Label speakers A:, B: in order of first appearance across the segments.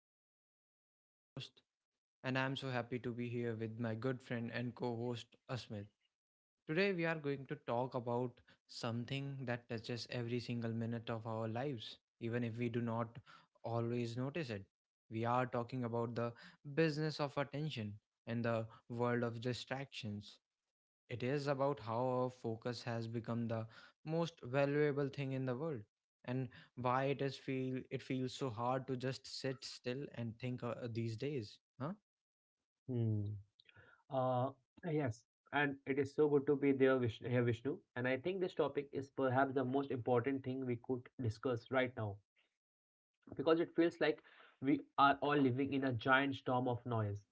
A: I am Vishnu, your host, and I am so happy to be here with my good friend and co host Asmit. Today, we are going to talk about something that touches every single minute of our lives, even if we do not always notice it. We are talking about the business of attention and the world of distractions. It is about how our focus has become the most valuable thing in the world and why it feels so hard to just sit still and think these days. Huh?
B: Hmm. Uh, yes, and it is so good to be here, Vishnu. And I think this topic is perhaps the most important thing we could discuss right now because it feels like we are all living in a giant storm of noise.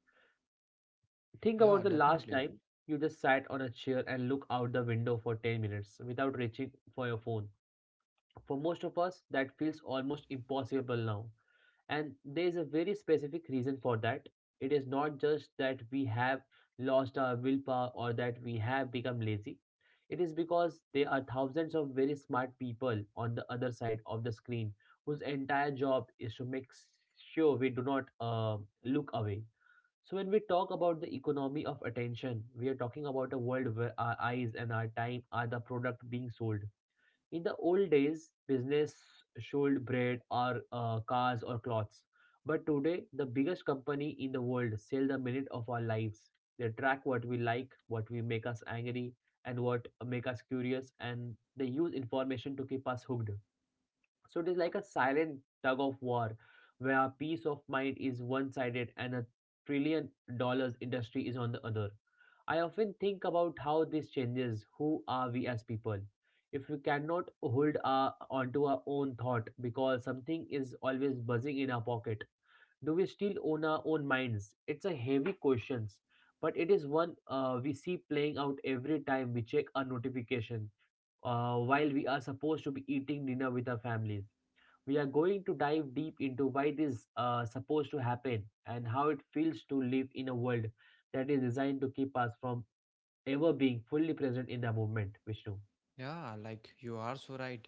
B: Think about
A: Yeah,
B: the last
A: definitely.
B: time you just sat on a chair and looked out the window for 10 minutes without reaching for your phone. For most of us, that feels almost impossible now. And there is a very specific reason for that. It is not just that we have lost our willpower or that we have become lazy. It is because there are thousands of very smart people on the other side of the screen whose entire job is to make sure we do not look away. So, when we talk about the economy of attention, we are talking about a world where our eyes and our time are the product being sold. In the old days, business sold bread or cars or clothes. But today, the biggest company in the world sell the minute of our lives. They track what we like, what we make us angry, and what make us curious, and they use information to keep us hooked. So it is like a silent tug of war where peace of mind is one sided and a trillion dollar industry is on the other. I often think about how this changes who are we as people. If we cannot onto our own thought because something is always buzzing in our pocket, do we still own our own minds? It's a heavy question, but it is one we see playing out every time we check our notification while we are supposed to be eating dinner with our families. We are going to dive deep into why this is supposed to happen and how it feels to live in a world that is designed to keep us from ever being fully present in the moment, Vishnu.
A: Yeah, like you are so right.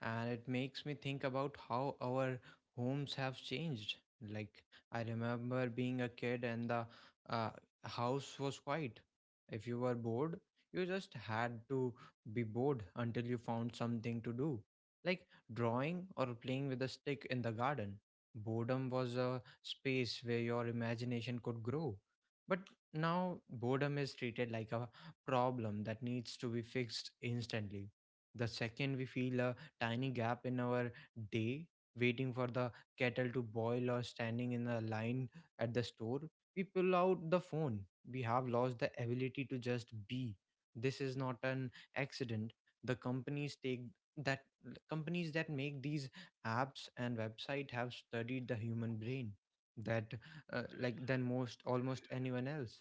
A: And it makes me think about how our homes have changed. Like I remember being a kid and the uh, house was quiet. If you were bored, you just had to be bored until you found something to do, like drawing or playing with a stick in the garden. Boredom was a space where your imagination could grow. But now boredom is treated like a problem that needs to be fixed instantly. The second we feel a tiny gap in our day, waiting for the kettle to boil or standing in a line at the store, we pull out the phone. We have lost the ability to just be. This is not an accident. The that companies that make these apps and website have studied the human brain that like than most almost anyone else.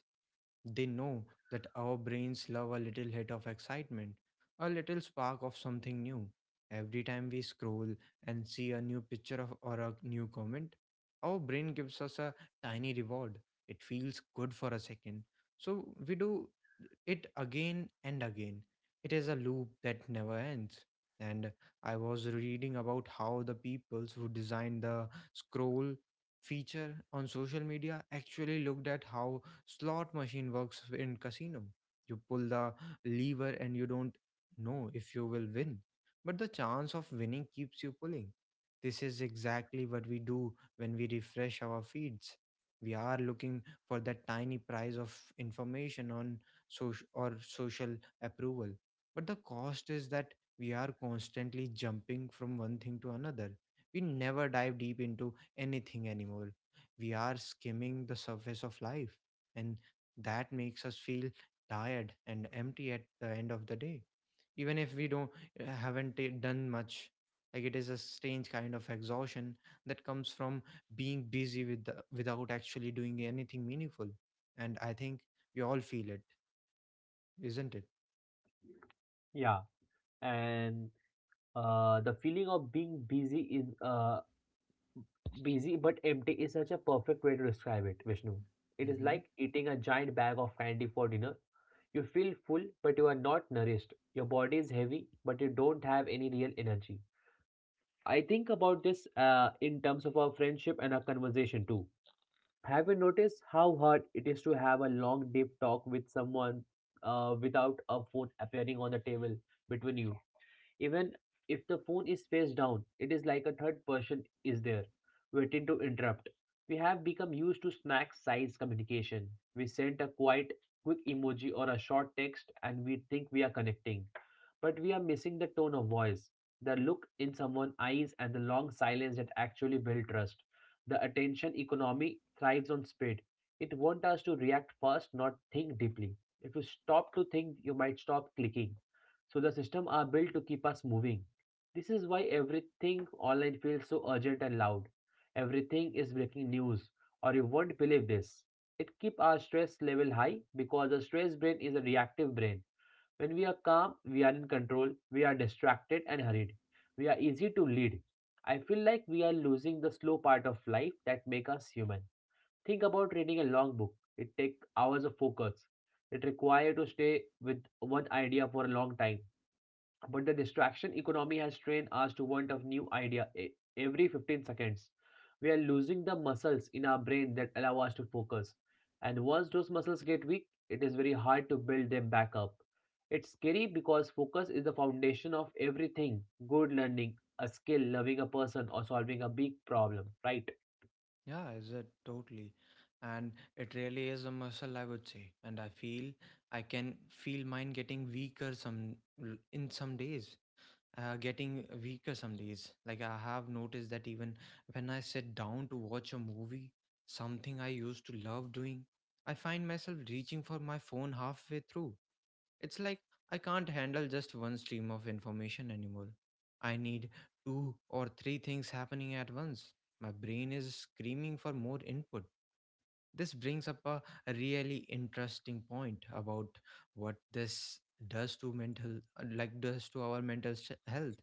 A: They know that our brains love a little hit of excitement, a little spark of something new. Every time we scroll and see a new picture of or a new comment, our brain gives us a tiny reward. It feels good for a second. So we do it again and again. It is a loop that never ends. And I was reading about how the peoples who designed the scroll feature on social media actually looked at how slot machine works in casino. You pull the lever and you don't know if you will win, but the chance of winning keeps you pulling. This is exactly what we do when we refresh our feeds. We are looking for that tiny price of information on social approval. But the cost is that we are constantly jumping from one thing to another. We never dive deep into anything anymore. We are skimming the surface of life and that makes us feel tired and empty at the end of the day even if we don't haven't ta- done much. Like it is a strange kind of exhaustion that comes from being busy without actually doing anything meaningful, and I think we all feel it, isn't it?
B: Yeah, and the feeling of being busy is busy but empty is such a perfect way to describe it, Vishnu. It is
A: Mm-hmm.
B: like eating a giant bag of candy for dinner. You feel full, but you are not nourished. Your body is heavy, but you don't have any real energy. I think about this in terms of our friendship and our conversation too. Have you noticed how hard it is to have a long deep talk with someone without a phone appearing on the table between you? Even if the phone is face down, it is like a third person is there, waiting to interrupt. We have become used to smack size communication. We send a quick emoji or a short text and we think we are connecting. But we are missing the tone of voice, the look in someone's eyes, and the long silence that actually build trust. The attention economy thrives on speed. It wants us to react fast, not think deeply. If you stop to think, you might stop clicking. So the system are built to keep us moving. This is why everything online feels so urgent and loud. Everything is breaking news, or you won't believe this. It keeps our stress level high because the stress brain is a reactive brain. When we are calm, we are in control, we are distracted and hurried. We are easy to lead. I feel like we are losing the slow part of life that make us human. Think about reading a long book. It takes hours of focus. It requires to stay with one idea for a long time. But the distraction economy has trained us to want of new idea every 15 seconds. We are losing the muscles in our brain that allow us to focus. And once those muscles get weak, it is very hard to build them back up. It's scary because focus is the foundation of everything good learning, a skill, loving a person, or solving a big problem, right?
A: Yeah, is it totally? And it really is a muscle, I would say, and I feel I can feel mine getting weaker some l- in some days getting weaker some days. Like I have noticed that even when I sit down to watch a movie, something I used to love doing, I find myself reaching for my phone halfway through. It's like I can't handle just one stream of information anymore. I need two or three things happening at once. My brain is screaming for more input. This brings up a really interesting point about what this does to our health.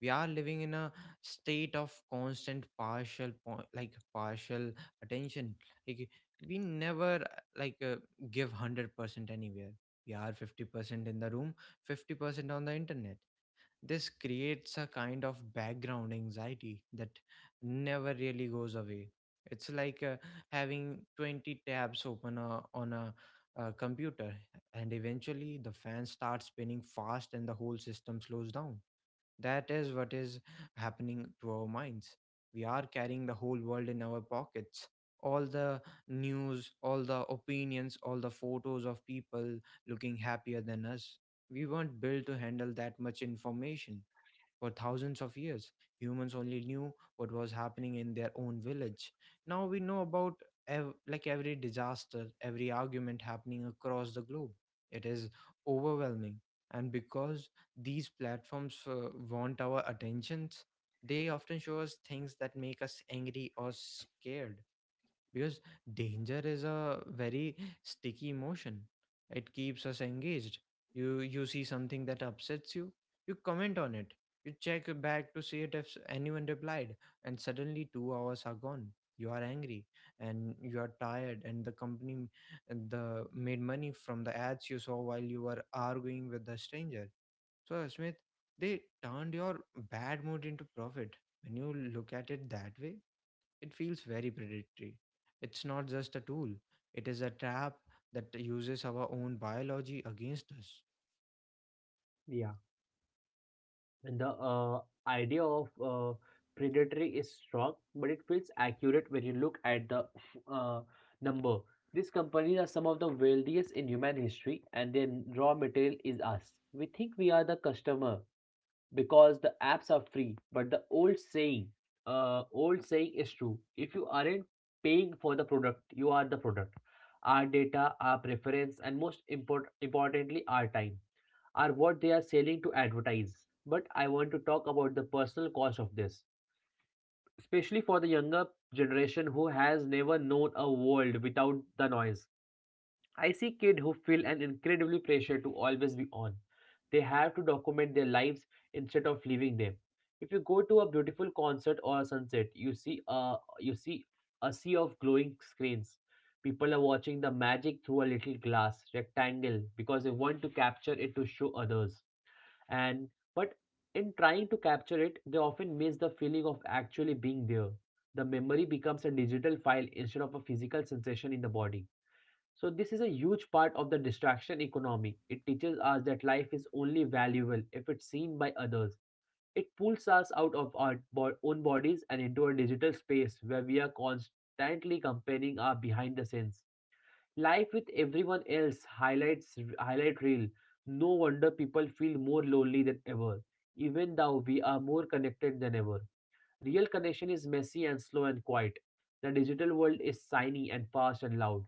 A: We are living in a state of constant partial attention. Like we never like uh, give 100% anywhere. We are 50% in the room, 50% on the internet. This creates a kind of background anxiety that never really goes away. It's like having 20 tabs open on a computer, and eventually the fan starts spinning fast and the whole system slows down. That is what is happening to our minds. We are carrying the whole world in our pockets. All the news, all the opinions, all the photos of people looking happier than us. We weren't built to handle that much information. For thousands of years, humans only knew what was happening in their own village. Now we know about every disaster, every argument happening across the globe. It is overwhelming. And because these platforms want our attentions, they often show us things that make us angry or scared because danger is a very sticky emotion. It keeps us engaged. You see something that upsets you, you comment on it, you check back to see it if anyone replied, and suddenly 2 hours are gone. You are angry and you are tired, and the company and the made money from the ads you saw while you were arguing with the stranger. So, Smith, they turned your bad mood into profit. When you look at it that way, it feels very predatory. It's not just a tool, it is a trap that uses our own biology against us.
B: And the idea of predatory is strong, but it feels accurate when you look at the uh, number. These companies are some of the wealthiest in human history, and their raw material is us. We think we are the customer because the apps are free, but the old saying is true. If you aren't paying for the product, you are the product. Our data, our preference, and importantly, our time are what they are selling to advertise. But I want to talk about the personal cost of this, especially for the younger generation who has never known a world without the noise. I see kids who feel an incredibly pressure to always be on. They have to document their lives instead of living them. If you go to a beautiful concert or a sunset, you see a sea of glowing screens. People are watching the magic through a little glass rectangle because they want to capture it to show others and but in trying to capture it, they often miss the feeling of actually being there. The memory becomes a digital file instead of a physical sensation in the body. So this is a huge part of the distraction economy. It teaches us that life is only valuable if it's seen by others. It pulls us out of our own bodies and into a digital space where we are constantly comparing our behind the scenes life with everyone else highlight reel. No wonder people feel more lonely than ever, even though we are more connected than ever. Real connection is messy and slow and quiet. The digital world is shiny and fast and loud.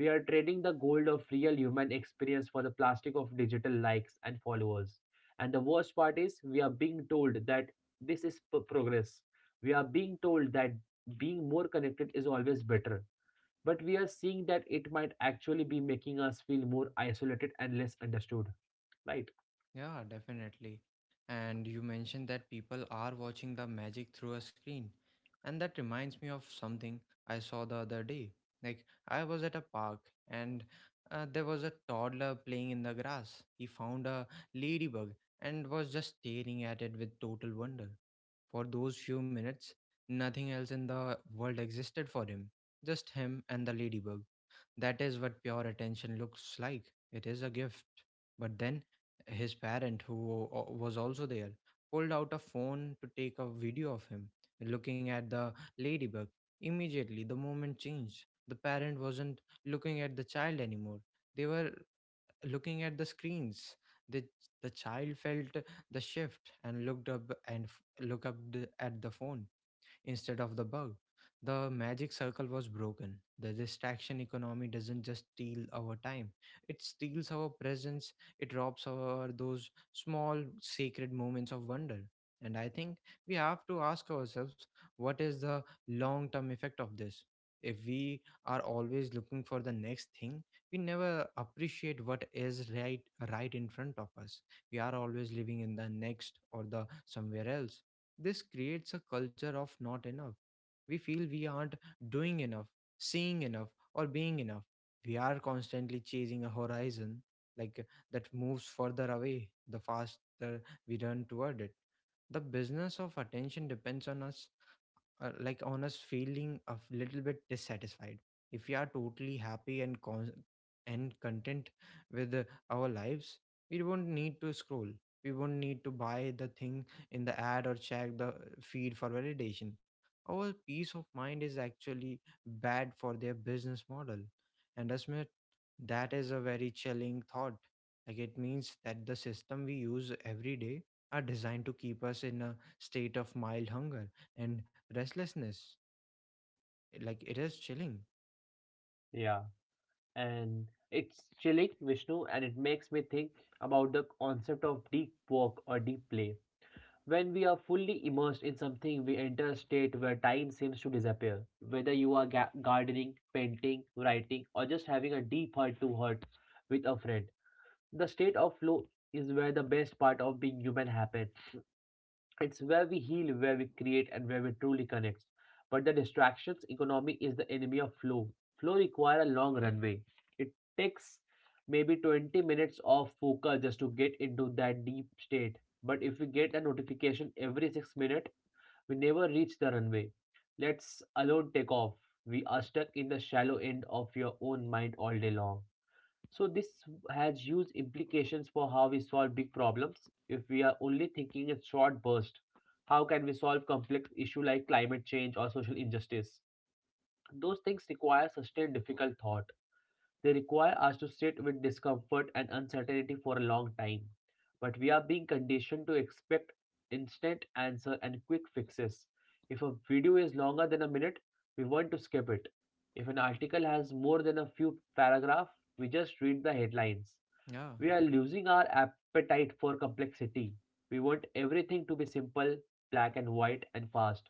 B: We are trading the gold of real human experience for the plastic of digital likes and followers. And the worst part is we are being told that this is progress. We are being told that being more connected is always better, but we are seeing that it might actually be making us feel more isolated and less understood, right?
A: Yeah, definitely. And you mentioned that people are watching the magic through a screen. And that reminds me of something I saw the other day. Like, I was at a park and there was a toddler playing in the grass. He found a ladybug and was just staring at it with total wonder. For those few minutes, nothing else in the world existed for him, just him and the ladybug. That is what pure attention looks like. It is a gift. But then his parent, who was also there, pulled out a phone to take a video of him looking at the ladybug. Immediately, the moment changed. The parent wasn't looking at the child anymore. They were looking at the screens. The, the child felt the shift and looked up and at the phone instead of the bug. The magic circle was broken. The distraction economy doesn't just steal our time, it steals our presence, it robs our those small sacred moments of wonder. And I think we have to ask ourselves, what is the long term effect of this? If we are always looking for the next thing, we never appreciate what is right in front of us. We are always living in the next or the somewhere else. This creates a culture of not enough. We feel we aren't doing enough, seeing enough, or being enough. We are constantly chasing a horizon like that moves further away the faster we run toward it. The business of attention depends on us like honest feeling of little bit dissatisfied. If we are totally happy and content with our lives, we won't need to scroll, we won't need to buy the thing in the ad or check the feed for validation. Our peace of mind is actually bad for their business model. And Asmit, that is a very chilling thought. Like it means that the system we use every day are designed to keep us in a state of mild hunger and restlessness. Like it is chilling.
B: Yeah, and it's chilling, Vishnu, and it makes me think about the concept of deep work or deep play. When we are fully immersed in something, we enter a state where time seems to disappear. Whether you are gardening, painting, writing, or just having a deep heart to heart with a friend, the state of flow is where the best part of being human happens. It's where we heal, where we create, and where we truly connect. But the distractions economy is the enemy of flow. Flow require a long runway. It takes maybe 20 minutes of focus just to get into that deep state. But if we get a notification every 6 minutes, we never reach the runway. Let's alone take off. We are stuck in the shallow end of your own mind all day long. So this has huge implications for how we solve big problems. If we are only thinking in short burst, how can we solve complex issue like climate change or social injustice? Those things require sustained difficult thought. They require us to sit with discomfort and uncertainty for a long time. But we are being conditioned to expect instant answer and quick fixes. If a video is longer than a minute, we want to skip it. If an article has more than a few paragraphs, we just read the headlines.
A: Yeah.
B: We are losing our appetite for complexity. We want everything to be simple, black and white, and fast.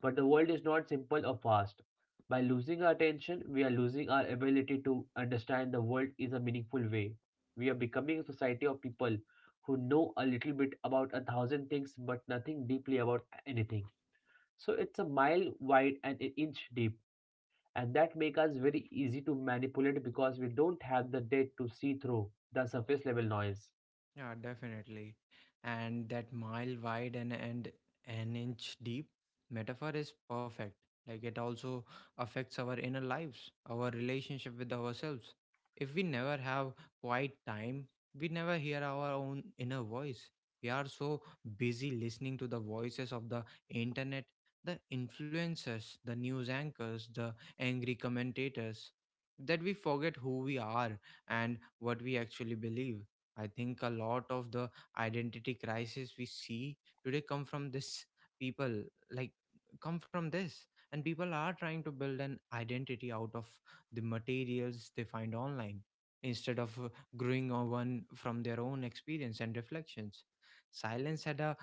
B: But the world is not simple or fast. By losing our attention, we are losing our ability to understand the world in a meaningful way. We are becoming a society of people who know a little bit about a thousand things but nothing deeply about anything. So it's a mile wide and an inch deep, and that makes us very easy to manipulate because we don't have the depth to see through the surface level noise.
A: Yeah, definitely. And that mile wide and, an inch deep metaphor is perfect. Like it also affects our inner lives, our relationship with ourselves. If we never have quiet time, we never hear our own inner voice. We are so busy listening to the voices of the internet, the influencers, the news anchors, the angry commentators, that we forget who we are and what we actually believe. I think a lot of the identity crisis we see today people like come from this, and people are trying to build an identity out of the materials they find online instead of growing on one from their own experience and reflections. Silence had a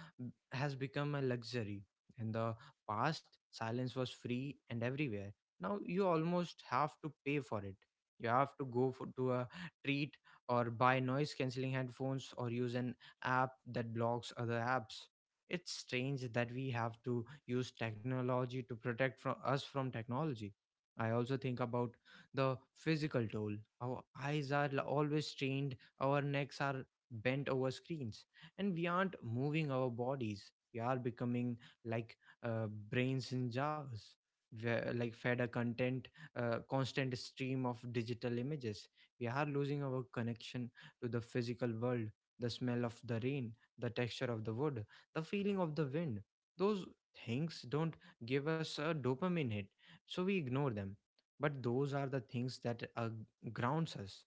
A: has become a luxury. In the past, silence was free and everywhere. Now you almost have to pay for it. You have to to a treat, or buy noise cancelling headphones, or use an app that blocks other apps. It's strange that we have to use technology to protect from us from technology. I also think about the physical toll. Our eyes are always strained, our necks are bent over screens, and we aren't moving our bodies. We are becoming like brains in jars, fed a content, constant stream of digital images. We are losing our connection to the physical world, the smell of the rain, the texture of the wood, the feeling of the wind. Those things don't give us a dopamine hit, so we ignore them. But those are the things that grounds us,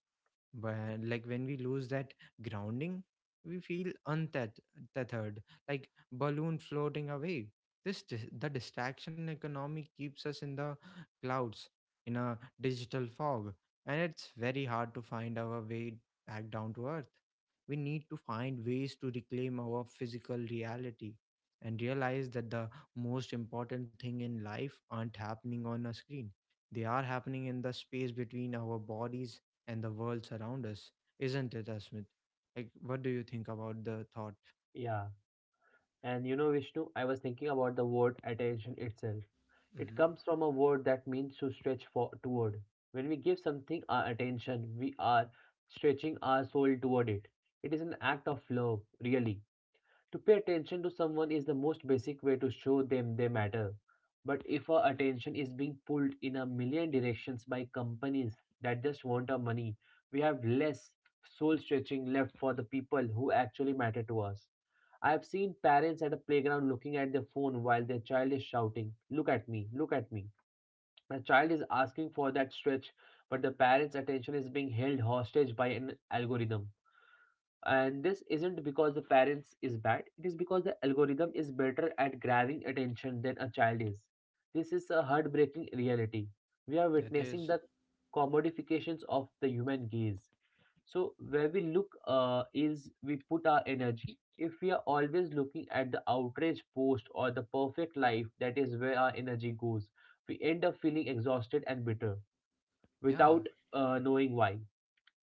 A: but when we lose that grounding, we feel untethered, like balloon floating away. The distraction economy keeps us in the clouds, in a digital fog, and it's very hard to find our way back down to earth. We need to find ways to reclaim our physical reality and realize that the most important thing in life aren't happening on a screen. They are happening in the space between our bodies and the worlds around us, isn't it, Asmit? Like, what do you think about the thought?
B: Yeah, and you know, Vishnu, I was thinking about the word attention itself. It
A: Mm-hmm.
B: comes from a word that means to stretch for toward. When we give something our attention, we are stretching our soul toward it. It is an act of love, really. To pay attention to someone is the most basic way to show them they matter. But if our attention is being pulled in a million directions by companies that just want our money, we have less soul stretching left for the people who actually matter to us. I have seen parents at a playground looking at their phone while their child is shouting, "Look at me, look at me." The child is asking for that stretch, but the parent's attention is being held hostage by an algorithm, and this isn't because the parents is bad. It is because the algorithm is better at grabbing attention than a child is. This is a heartbreaking reality. We are
A: It
B: witnessing
A: is.
B: the commodifications of the human gaze. So where we look is we put our energy. If we are always looking at the outrage post or the perfect life, that is where our energy goes. We end up feeling exhausted and bitter without
A: Yeah.
B: knowing why.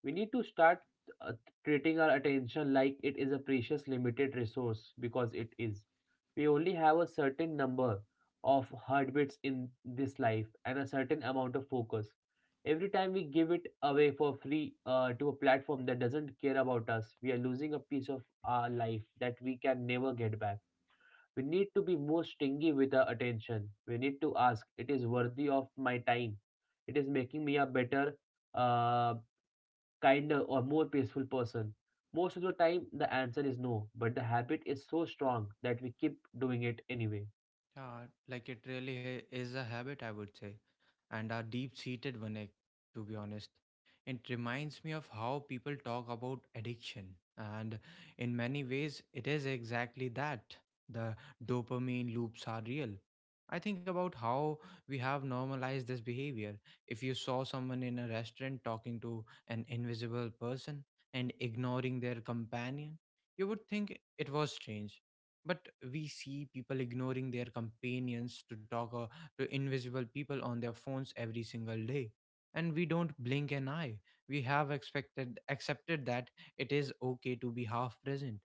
B: We need to start uh, treating our attention like it is a precious limited resource, because it is. We only have a certain number of heartbeats in this life and a certain amount of focus. Every time we give it away for free to a platform that doesn't care about us, we are losing a piece of our life that we can never get back. We need to be more stingy with our attention. We need to ask, it is worthy of my time. It is making me a better uh, kinder, or more peaceful person? Most of the time, the answer is no, but the habit is so strong that we keep doing it anyway.
A: Yeah. Like it really is a habit, I would say, and are deep seated one, to be honest. It reminds me of how people talk about addiction, and in many ways it is exactly that. The dopamine loops are real. I think about how we have normalized this behavior. If you saw someone in a restaurant talking to an invisible person and ignoring their companion, you would think it was strange. But we see people ignoring their companions to talk, to invisible people on their phones every single day, and we don't blink an eye. We have expected accepted that it is okay to be half present.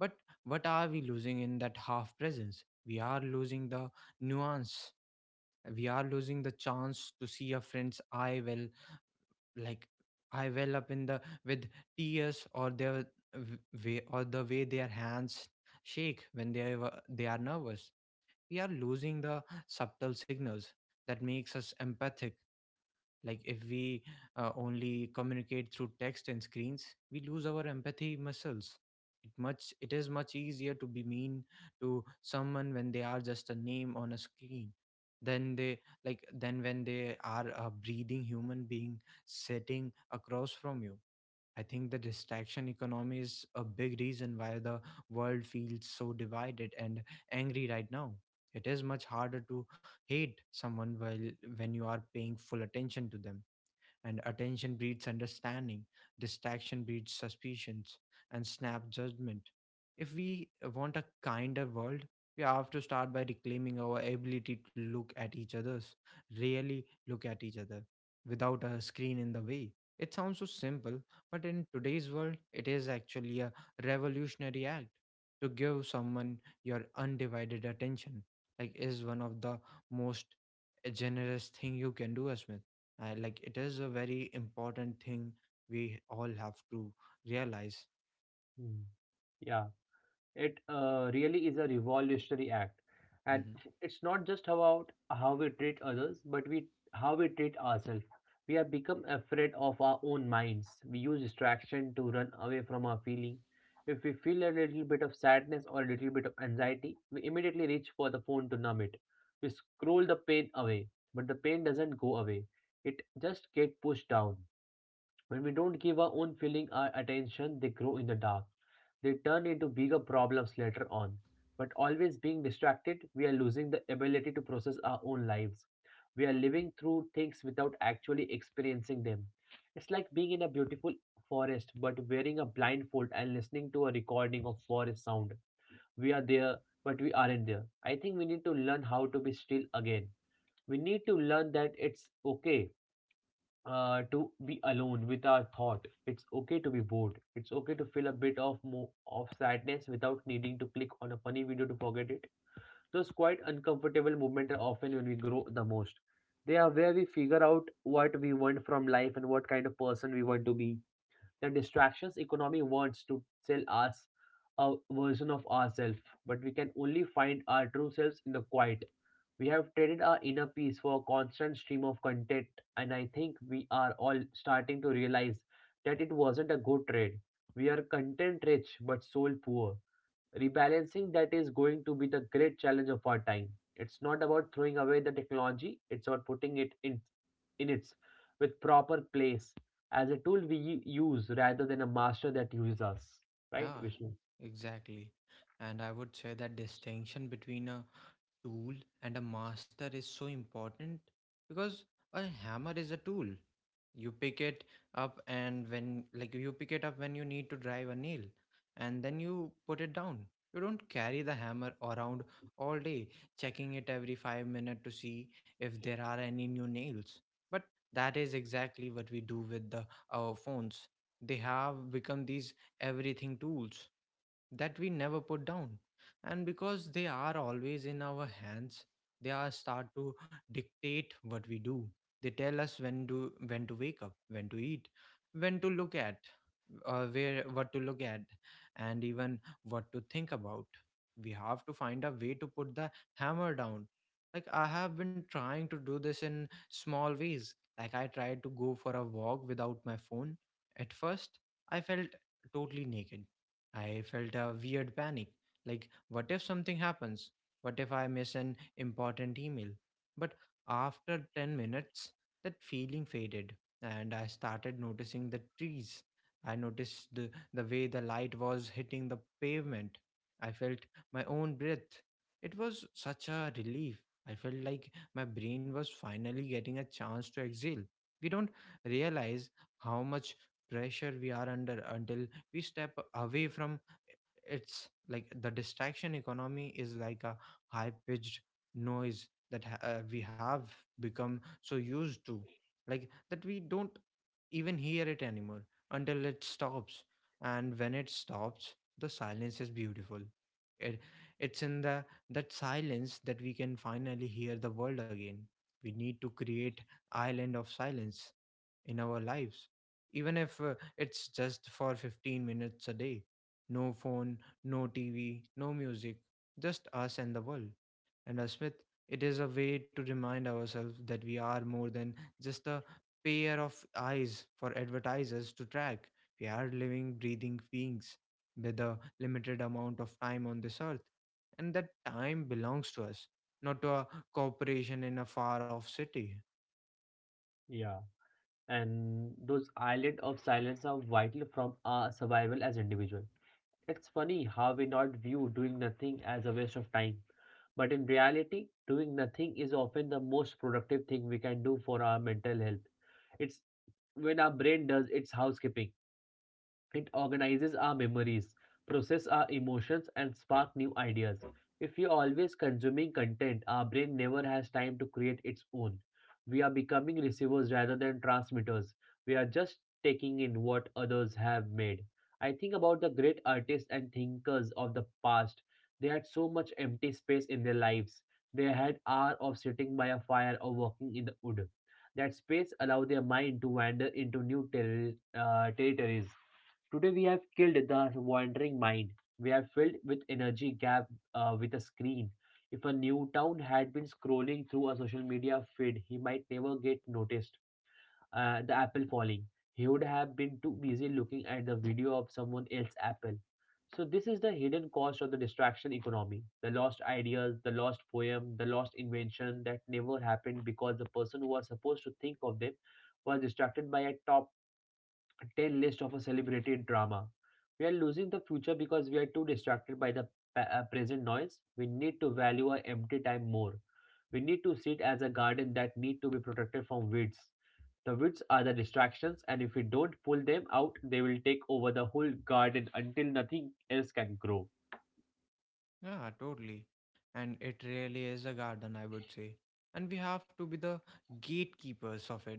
A: But what are we losing in that half presence? We are losing the nuance. We are losing the chance to see a friend's eye well, like eye well up in the with tears, or their w- way, or the way their hands shake when they are nervous. We are losing the subtle signals that makes us empathic. Like if we only communicate through text and screens, we lose our empathy muscles. It is much easier to be mean to someone when they are just a name on a screen than they like than when they are a breathing human being sitting across from you. I think the distraction economy is a big reason why the world feels so divided and angry right now. It is much harder to hate someone while when you are paying full attention to them. And attention breeds understanding, distraction breeds suspicions, and snap judgment. If we want a kinder world, we have to start by reclaiming our ability to look at each other's, really look at each other, without a screen in the way. It sounds so simple, but in today's world, it is actually a revolutionary act to give someone your undivided attention. Like is one of the most generous thing you can do, Asmith. Like it is a very important thing we all have to realize.
B: Hmm. Yeah. It really is a revolutionary act, and
A: Hmm.
B: it's not just about how we treat others but we how we treat ourselves. We have become afraid of our own minds. We use distraction to run away from our feeling. If we feel a little bit of sadness or a little bit of anxiety, we immediately reach for the phone to numb it. We scroll the pain away, but the pain doesn't go away. It just get pushed down. When we don't give our own feeling our attention, they grow in the dark. They turn into bigger problems later on. But always being distracted, we are losing the ability to process our own lives. We are living through things without actually experiencing them. It's like being in a beautiful forest but wearing a blindfold and listening to a recording of forest sound. We are there, but we aren't there. I think we need to learn how to be still again. We need to learn that it's okay to be alone with our thought. It's okay to be bored. It's okay to feel a bit of sadness without needing to click on a funny video to forget it. Those quite uncomfortable moments are often when we grow the most. They are where we figure out what we want from life and what kind of person we want to be. The distractions economy wants to sell us a version of ourselves, but we can only find our true selves in the quiet. We have traded our inner peace for a constant stream of content, and I think we are all starting to realize that it wasn't a good trade. We are content rich but soul poor. Rebalancing that is going to be the great challenge of our time. It's not about throwing away the technology, it's about putting it in its with proper place as a tool we use rather than a master that uses us. Right,
A: Yeah,
B: Vishnu?
A: exactly. And I would say that distinction between a tool and a master is so important, because a hammer is a tool. you pick it you pick it up when you need to drive a nail, and then you put it down. You don't carry the hammer around all day checking it every 5 minutes to see if there are any new nails. But that is exactly what we do with the our phones. They have become these everything tools that we never put down. And because they are always in our hands, they are start to dictate what we do. They tell us when to wake up, when to eat, when to look at, where what to look at, and even what to think about. We have to find a way to put the hammer down. Like I have been trying to do this in small ways. Like I tried to go for a walk without my phone. At first, I felt totally naked. I felt a weird panic, like what if something happens? What if I miss an important email? But after 10 minutes, that feeling faded and I started noticing the trees. I noticed the way the light was hitting the pavement. I felt my own breath. It was such a relief. I felt like my brain was finally getting a chance to exhale. We don't realize how much pressure we are under until we step away from. It's like the distraction economy is like a high pitched noise that we have become so used to that we don't even hear it anymore, until it stops. And when it stops, the silence is beautiful. it, it's in the that silence that we can finally hear the world again. We need to create island of silence in our lives, even if it's just for 15 minutes a day. No phone, no TV, no music, just us and the world. And as Smith, it is a way to remind ourselves that we are more than just a pair of eyes for advertisers to track. We are living, breathing beings with a limited amount of time on this earth. And that time belongs to us, not to a corporation in a far off city.
B: Yeah. And those island of silence are vital from our survival as individual. It's funny how we not view doing nothing as a waste of time, but in reality, doing nothing is often the most productive thing we can do for our mental health. It's when our brain does its housekeeping. It organizes our memories, process our emotions, and spark new ideas. If we are always consuming content, our brain never has time to create its own. We are becoming receivers rather than transmitters. We are just taking in what others have made. I think about the great artists and thinkers of the past. They had so much empty space in their lives. They had hours of sitting by a fire or walking in the wood. That space allowed their mind to wander into new territories. Today we have killed the wandering mind. We have filled with energy gap with a screen. If a new town had been scrolling through a social media feed, he might never get noticed. The apple falling. He would have been too busy looking at the video of someone else's apple. So this is the hidden cost of the distraction economy. The lost ideas, the lost poem, the lost invention that never happened because the person who was supposed to think of them was distracted by a top 10 list of a celebrated drama. We are losing the future because we are too distracted by the present noise. We need to value our empty time more. We need to see it as a garden that need to be protected from weeds. The weeds are the distractions, and if we don't pull them out, they will take over the whole garden until nothing else can grow.
A: Yeah, totally. And it really is a garden, I would say. And we have to be the gatekeepers of it.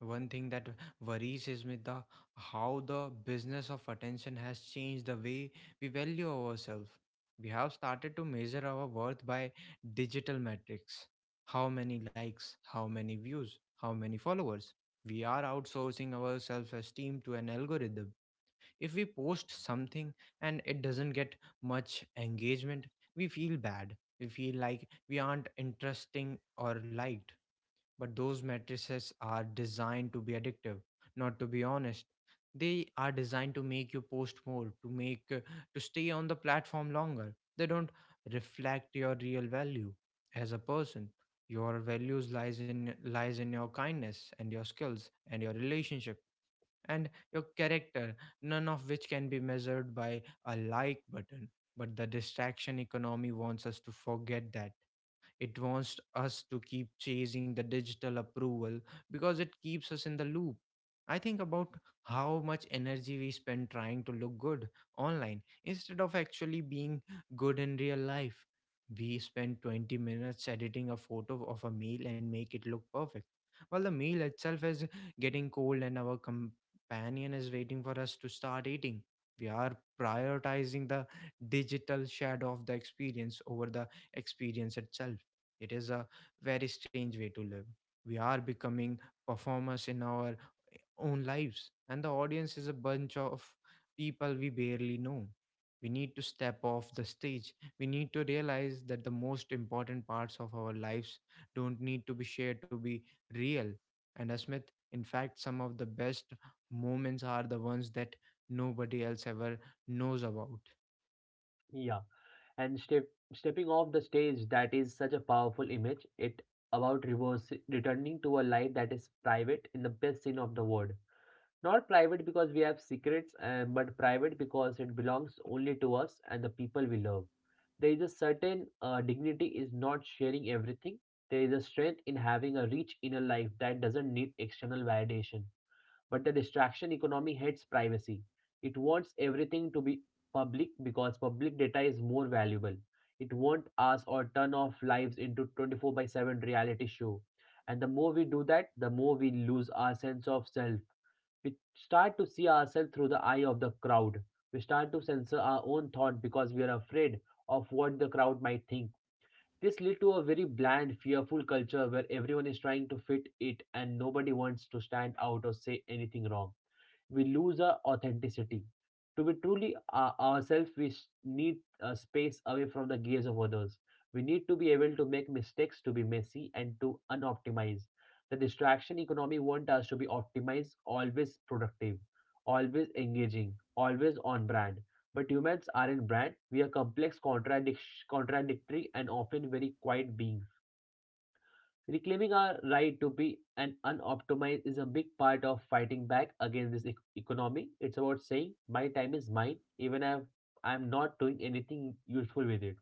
A: One thing that worries is with the how the business of attention has changed the way we value ourselves. We have started to measure our worth by digital metrics. How many likes, how many views, how many followers. We are outsourcing our self-esteem to an algorithm. If we post something and it doesn't get much engagement, we feel bad. We feel like we aren't interesting or liked. But those matrices are designed to be addictive, not to be honest. They are designed to make you post more, to make to stay on the platform longer. They don't reflect your real value as a person. Your values lies in your kindness and your skills and your relationship and your character, none of which can be measured by a like button. But the distraction economy wants us to forget that. It wants us to keep chasing the digital approval, because it keeps us in the loop. I think about how much energy we spend trying to look good online instead of actually being good in real life. We spend 20 minutes editing a photo of a meal and make it look perfect, while the meal itself is getting cold and our companion is waiting for us to start eating. We are prioritizing the digital shadow of the experience over the experience itself. It is a very strange way to live. We are becoming performers in our own lives, and the audience is a bunch of people we barely know. We need to step off the stage. We need to realize that the most important parts of our lives don't need to be shared to be real. And as Smith, in fact, some of the best moments are the ones that nobody else ever knows about.
B: Yeah, and stepping off the stage, that is such a powerful image. It about reverse returning to a life that is private in the best sense of the word. Not private because we have secrets, and, but private because it belongs only to us and the people we love. There is a certain dignity is not sharing everything. There is a strength in having a rich inner life that doesn't need external validation. But the distraction economy hates privacy. It wants everything to be public because public data is more valuable. It wants us or turn off lives into 24 by 7 reality show. And the more we do that, the more we lose our sense of self. We start to see ourselves through the eye of the crowd. We start to censor our own thought because we are afraid of what the crowd might think. This leads to a very bland, fearful culture where everyone is trying to fit it and nobody wants to stand out or say anything wrong. We lose our authenticity. To be truly ourselves, need a space away from the gaze of others. We need to be able to make mistakes, to be messy, and to unoptimize. The distraction economy wants us to be optimized, always productive, always engaging, always on brand. But humans aren't brand. We are complex, contradictory, and often very quiet beings. Reclaiming our right to be an unoptimized is a big part of fighting back against this economy. It's about saying my time is mine, even if I'm not doing anything useful with it.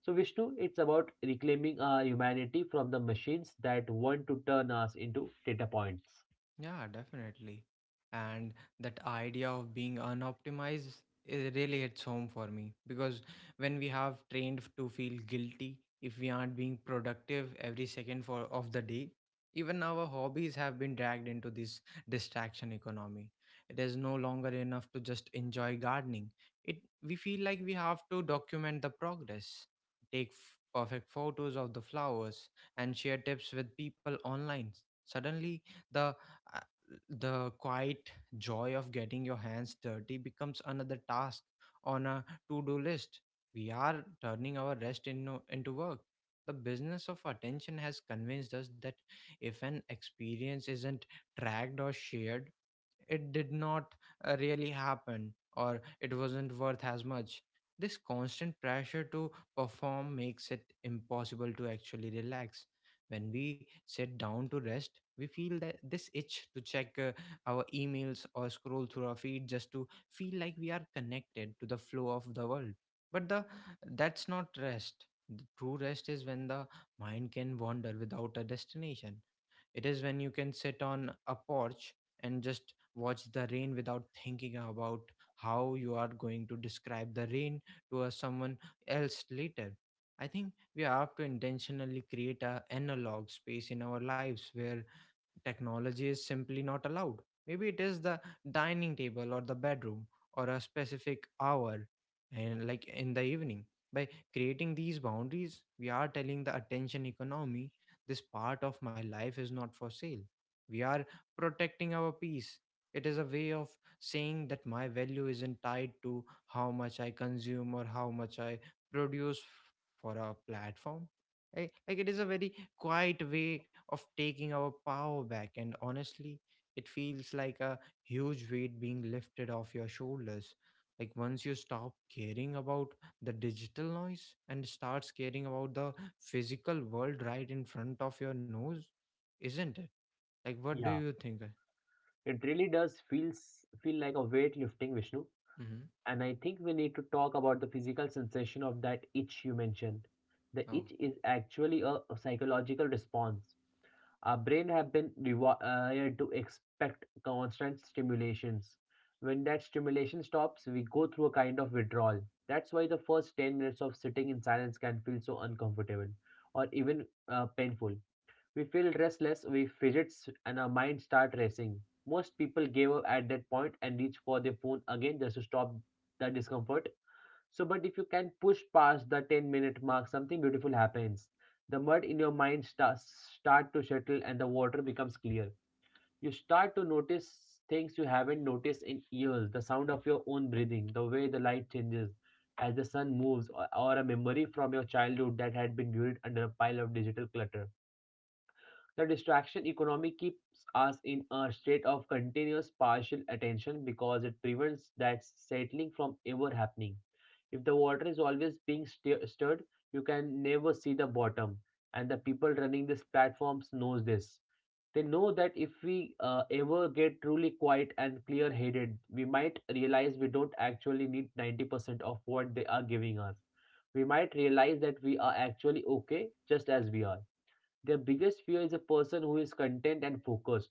B: So Vishnu, it's about reclaiming our humanity from the machines that want to turn us into data points.
A: Yeah, definitely. And that idea of being unoptimized, it really hits home for me. Because when we have trained to feel guilty if we aren't being productive every second for of the day, even our hobbies have been dragged into this distraction economy. It is no longer enough to just enjoy gardening. It we feel like we have to document the progress, take perfect photos of the flowers, and share tips with people online. Suddenly, the uh, the quiet joy of getting your hands dirty becomes another task on a to-do list. We are turning our rest into work. The business of attention has convinced us that if an experience isn't tracked or shared, it did not really happen, or it wasn't worth as much. This constant pressure to perform makes it impossible to actually relax. When we sit down to rest, we feel that this itch to check, our emails or scroll through our feed, just to feel like we are connected to the flow of the world. But the that's not rest. The true rest is when the mind can wander without a destination. It is when you can sit on a porch and just watch the rain without thinking about how you are going to describe the rain to a someone else later. I think we have to intentionally create a analog space in our lives where technology is simply not allowed. Maybe it is the dining table or the bedroom, or a specific hour and like in the evening. By creating these boundaries, we are telling the attention economy, this part of my life is not for sale. We are protecting our peace. It is a way of saying that my value isn't tied to how much I consume or how much I produce for a platform. Like it is a very quiet way of taking our power back. And honestly, it feels like a huge weight being lifted off your shoulders. Like once you stop caring about the digital noise and starts caring about the physical world right in front of your nose, isn't it? Like, what do
B: Yeah,
A: you think?
B: it really does feel like a weight lifting, Vishnu.
A: Mm-hmm.
B: And I think we need to talk about the physical sensation of that itch you mentioned. The
A: Oh,
B: itch is actually a psychological response. Our brain have been rewired to expect constant stimulations. When that stimulation stops, we go through a kind of withdrawal. That's why the first 10 minutes of sitting in silence can feel so uncomfortable or even painful. We feel restless, we fidget, and our mind start racing. Most people give up at that point and reach for their phone again just to stop the discomfort. So, but if you can push past the 10-minute mark, something beautiful happens. The mud in your mind start to settle and the water becomes clear. You start to notice things you haven't noticed in years, the sound of your own breathing, the way the light changes as the sun moves, or a memory from your childhood that had been buried under a pile of digital clutter. The distraction economy keeps us in a state of continuous partial attention because it prevents that settling from ever happening. If the water is always being stirred, you can never see the bottom. And the people running these platforms knows this. They know that if we ever get truly quiet and clear-headed, we might realize we don't actually need 90% of what they are giving us. We might realize that we are actually okay just as we are. Their biggest fear is a person who is content and focused.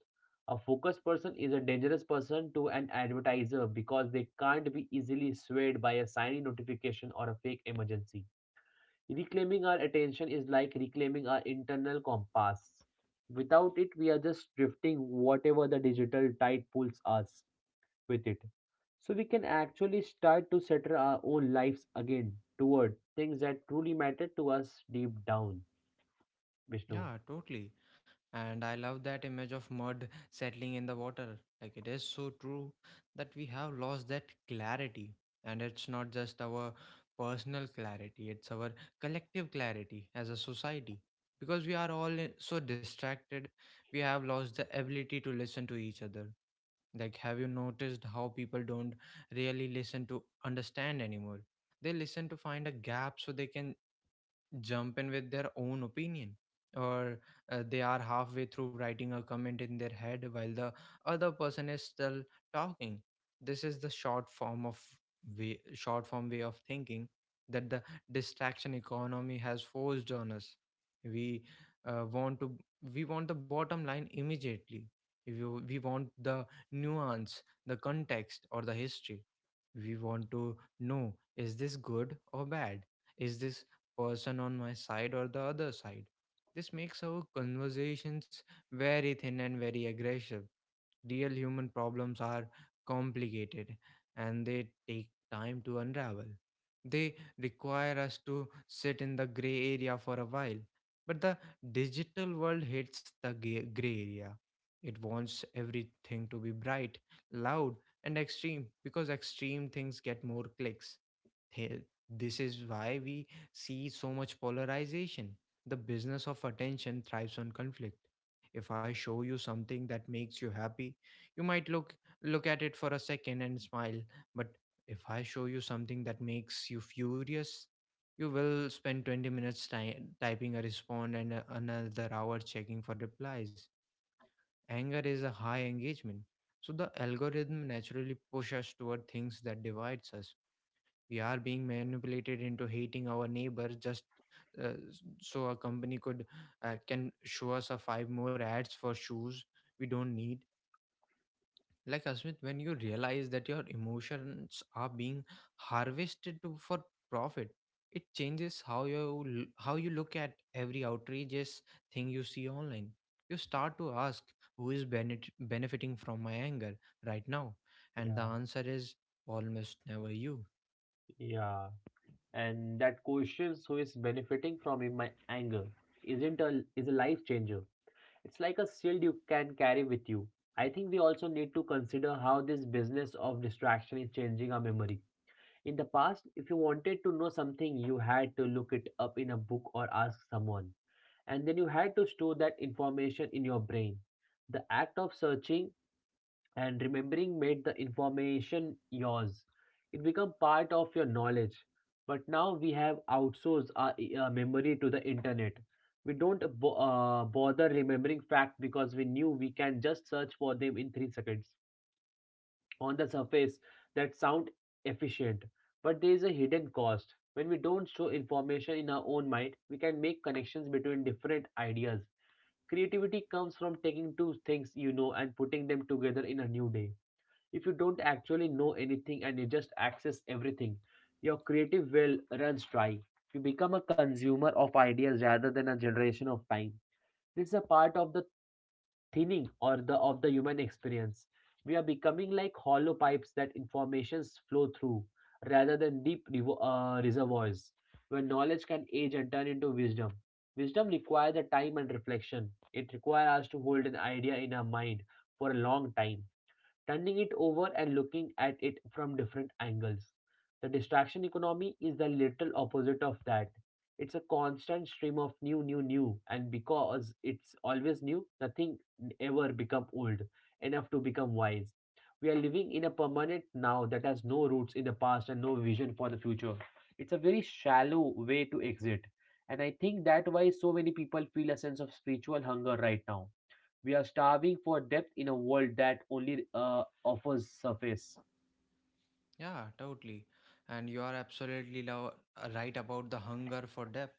B: A focused person is a dangerous person to an advertiser because they can't be easily swayed by a shiny notification or a fake emergency. Reclaiming our attention is like reclaiming our internal compass. Without it, we are just drifting whatever the digital tide pulls us with it. So we can actually start to center our own lives again toward things that truly matter to us deep down. Vishnu.
A: yeah, totally. And I love that image of mud settling in the water. Like it is so true that we have lost that clarity. And it's not just our personal clarity, it's our collective clarity as a society. Because we are all so distracted, we have lost the ability to listen to each other. Like, have you noticed how people don't really listen to understand anymore? They listen to find a gap so they can jump in with their own opinion or they are halfway through writing a comment in their head while the other person is still talking. This is the short form way of thinking that the distraction economy has forced on us. we uh, want to we want the bottom line immediately. We want the nuance, the context, or the history. We want to know, is this good or bad? Is this person on my side or the other side? This makes our conversations very thin and very aggressive. Real human problems are complicated, and they take time to unravel. They require us to sit in the gray area for a while. But the digital world hates the gray area. It wants everything to be bright, loud, and extreme because extreme things get more clicks. Here, this is why we see so much polarization. The business of attention thrives on conflict. If I show you something that makes you happy, you might look at it for a second and smile, but if I show you something that makes you furious, you will spend 20 minutes typing a response and another hour checking for replies. Anger is a high engagement. So the algorithm naturally pushes us toward things that divides us. We are being manipulated into hating our neighbor just so a company could can show us a five more ads for shoes we don't need. Like Asmit, when you realize that your emotions are being harvested to, for profit, it changes how you look at every outrageous thing you see online. You start to ask, who is benefiting from my anger right now, and the
B: Yeah.
A: answer is almost never you.
B: Yeah. And that questions who is benefiting from in my anger isn't a is a life changer. It's like a shield you can carry with you. I think we also need to consider how this business of distraction is changing our memory. In the past, if you wanted to know something, you had to look it up in a book or ask someone, and then you had to store that information in your brain. The act of searching and remembering made the information yours. It became part of your knowledge. But now we have outsourced our memory to the internet. We don't bother remembering fact because we knew we can just search for them in 3 seconds. On the surface, that sound efficient, but there is a hidden cost. When we don't show information in our own mind, we can make connections between different ideas. Creativity comes from taking two things you know and putting them together in a new day. If you don't actually know anything and you just access everything, your creative well runs dry. You become a consumer of ideas rather than a generation of time. This is a part of the thinning or the of the human experience. We are becoming like hollow pipes that informations flow through rather than deep reservoirs where knowledge can age and turn into wisdom. Wisdom requires the time and reflection. It requires us to hold an idea in our mind for a long time turning it over and looking at it from different angles. The distraction economy is the literal opposite of that. It's a constant stream of new, new, new, and because it's always new, nothing ever become old enough to become wise. We are living in a permanent now that has no roots in the past and no vision for the future. It's a very shallow way to exit, and I think that why so many people feel a sense of spiritual hunger right now we are starving for depth in a world that only offers surface.
A: Yeah, totally. And you are absolutely right about the hunger for depth.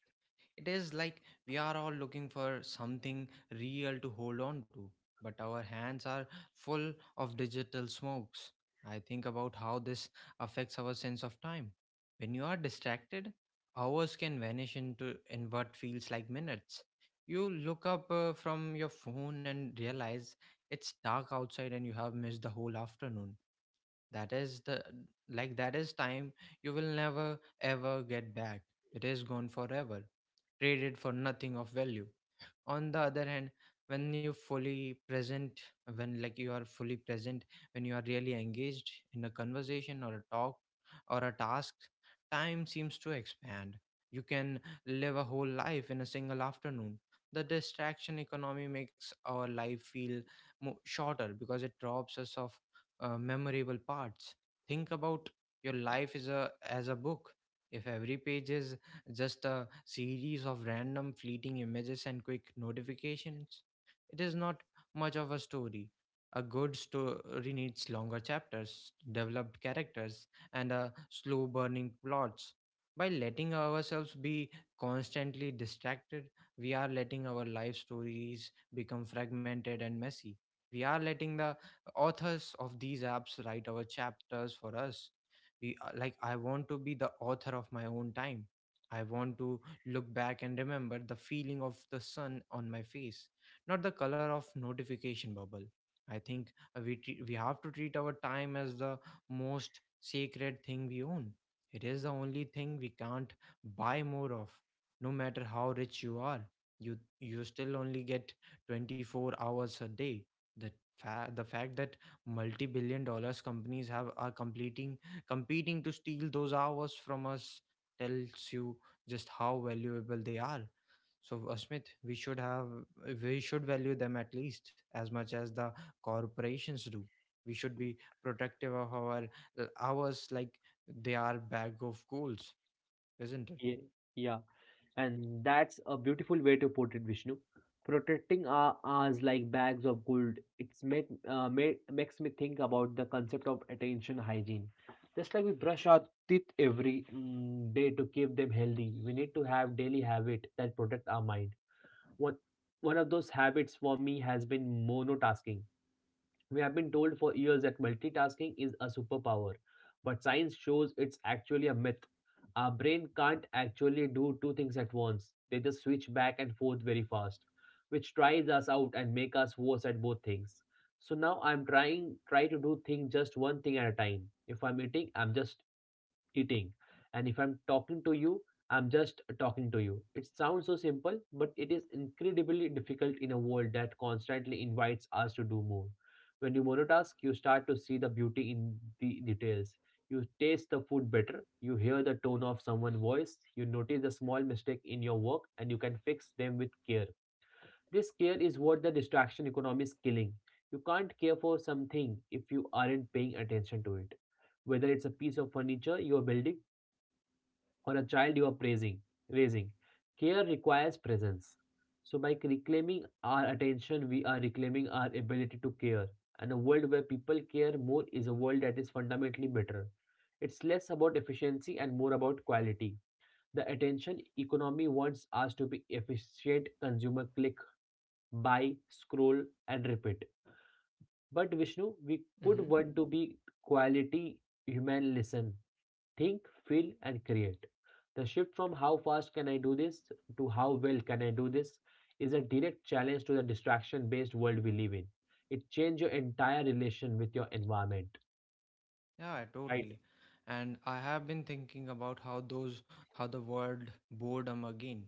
A: It is like we are all looking for something real to hold on to, but our hands are full of digital smokes. I think about how this affects our sense of time. When you are distracted, hours can vanish into in what feels like minutes. You look up from your phone and realize it's dark outside and you have missed the whole afternoon. That is the, like that is time you will never ever get back. It is gone forever, traded for nothing of value. On the other hand, when you fully present when like you are fully present, when you are really engaged in a conversation or a talk or a task, time seems to expand. You can live a whole life in a single afternoon. The distraction economy makes our life feel shorter because it robs us of memorable parts. Think about your life is a as a book. If every page is just a series of random fleeting images and quick notifications, it is not much of a story. A good story needs longer chapters, developed characters, and a slow burning plots. By letting ourselves be constantly distracted, we are letting our life stories become fragmented and messy. We are letting the authors of these apps write our chapters for us. We like I want to be the author of my own time. I want to look back and remember the feeling of the sun on my face, not the color of notification bubble. I think we have to treat our time as the most sacred thing we own. It is the only thing we can't buy more of. No matter how rich you are, you you still only get 24 hours a day. the the fact that multi-billion dollar companies have are completing competing to steal those hours from us tells you just how valuable they are. So, Asmit, we should value them at least as much as the corporations do. We should be protective of our hours like they are bag of goals, isn't
B: Yeah, yeah, and that's a beautiful way to put it, Vishnu. Protecting our ours like bags of gold. It's makes me think about the concept of attention hygiene. Just like we brush our teeth every day to keep them healthy, we need to have daily habit that protect our mind. One one of those habits for me has been monotasking. We have been told for years that multitasking is a superpower, but science shows it's actually a myth. Our brain can't actually do two things at once, they just switch back and forth very fast, which tries us out and make us worse at both things. So now I'm trying try to do thing just one thing at a time. If I'm eating, I'm just eating. And if I'm talking to you, I'm just talking to you. It sounds so simple, but it is incredibly difficult in a world that constantly invites us to do more. When you monotask, you start to see the beauty in the details. You taste the food better, you hear the tone of someone's voice, you notice the small mistake in your work, and you can fix them with care. This care is what the distraction economy is killing. You can't care for something if you aren't paying attention to it. Whether it's a piece of furniture you're building, or a child you are praising, raising. Care requires presence. So, by reclaiming our attention, we are reclaiming our ability to care. And a world where people care more is a world that is fundamentally better. It's less about efficiency and more about quality. The attention economy wants us to be efficient consumer click, buy, scroll, and repeat. But Vishnu, we could
A: it?
B: want to be quality human listen think, feel, and create. The shift from how fast can I do this to how well can I do this is a direct challenge to the distraction based world we live in. It changes your entire relation with your environment.
A: Yeah,
B: Right.
A: totally. And I have been thinking about how the word boredom again.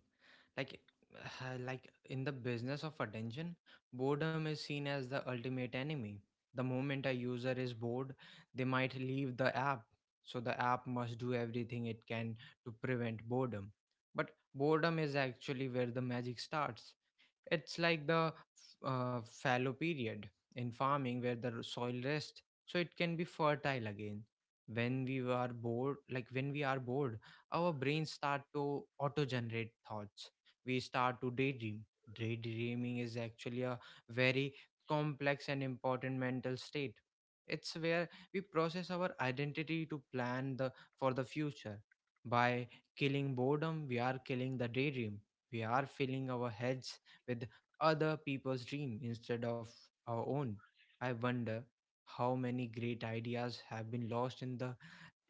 A: Like like in the business of attention, boredom is seen as the ultimate enemy. The moment a user is bored, they might leave the app. So the app must do everything it can to prevent boredom. But boredom is actually where the magic starts. It's like the fallow period in farming where the soil rests so it can be fertile again. When we are bored, our brains start to auto generate thoughts. We start to daydream. Daydreaming is actually a very complex and important mental state. It's where we process our identity to plan the for the future. By killing boredom, we are killing the daydream. We are filling our heads with other people's dream instead of our own. I wonder how many great ideas have been lost in the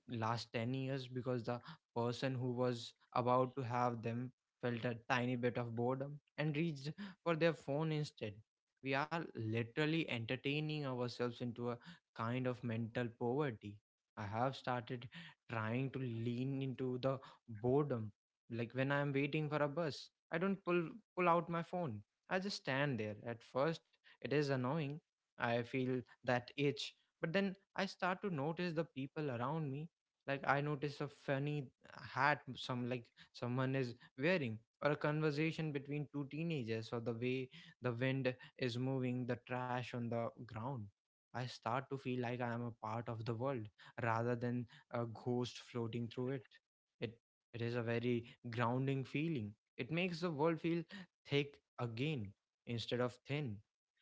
A: last 10 years because the person who was about to have them felt a tiny bit of boredom and reached for their phone instead. We are literally entertaining ourselves into a kind of mental poverty. I have started trying to lean into the boredom. Like when I'm waiting for a bus, I don't pull out my phone. I just stand there. At first, it is annoying. I feel that itch, but then I start to notice the people around me. Like I notice a funny hat some like someone is wearing or a conversation between two teenagers, or the way the wind is moving the trash on the ground. I start to feel like I am a part of the world rather than a ghost floating through it. It it is a very grounding feeling. It makes the world feel thick again instead of thin.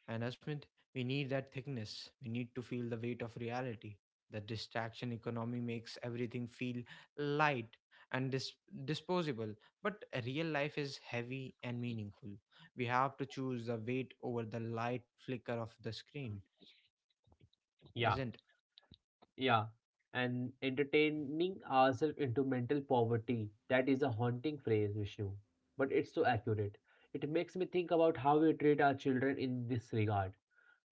A: And Asmith, we need that thickness. We need to feel the weight of reality. The distraction economy makes everything feel light and disposable, but real life is heavy and meaningful. We have to choose the weight over the light flicker of the screen,
B: Yeah,
A: isn't?
B: yeah. And entertaining ourselves into mental poverty, that is a haunting phrase, Vishnu. But it's so accurate. It makes me think about how we treat our children in this regard.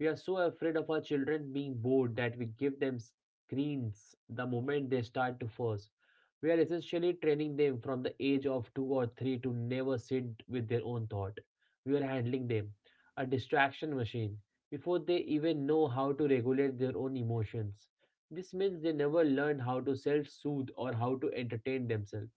B: We are so afraid of our children being bored that we give them screens the moment they start to fuss. We are essentially training them from the age of two or three to never sit with their own thought. We are handling them, a distraction machine, before they even know how to regulate their own emotions. This means they never learn how to self soothe or how to entertain themselves.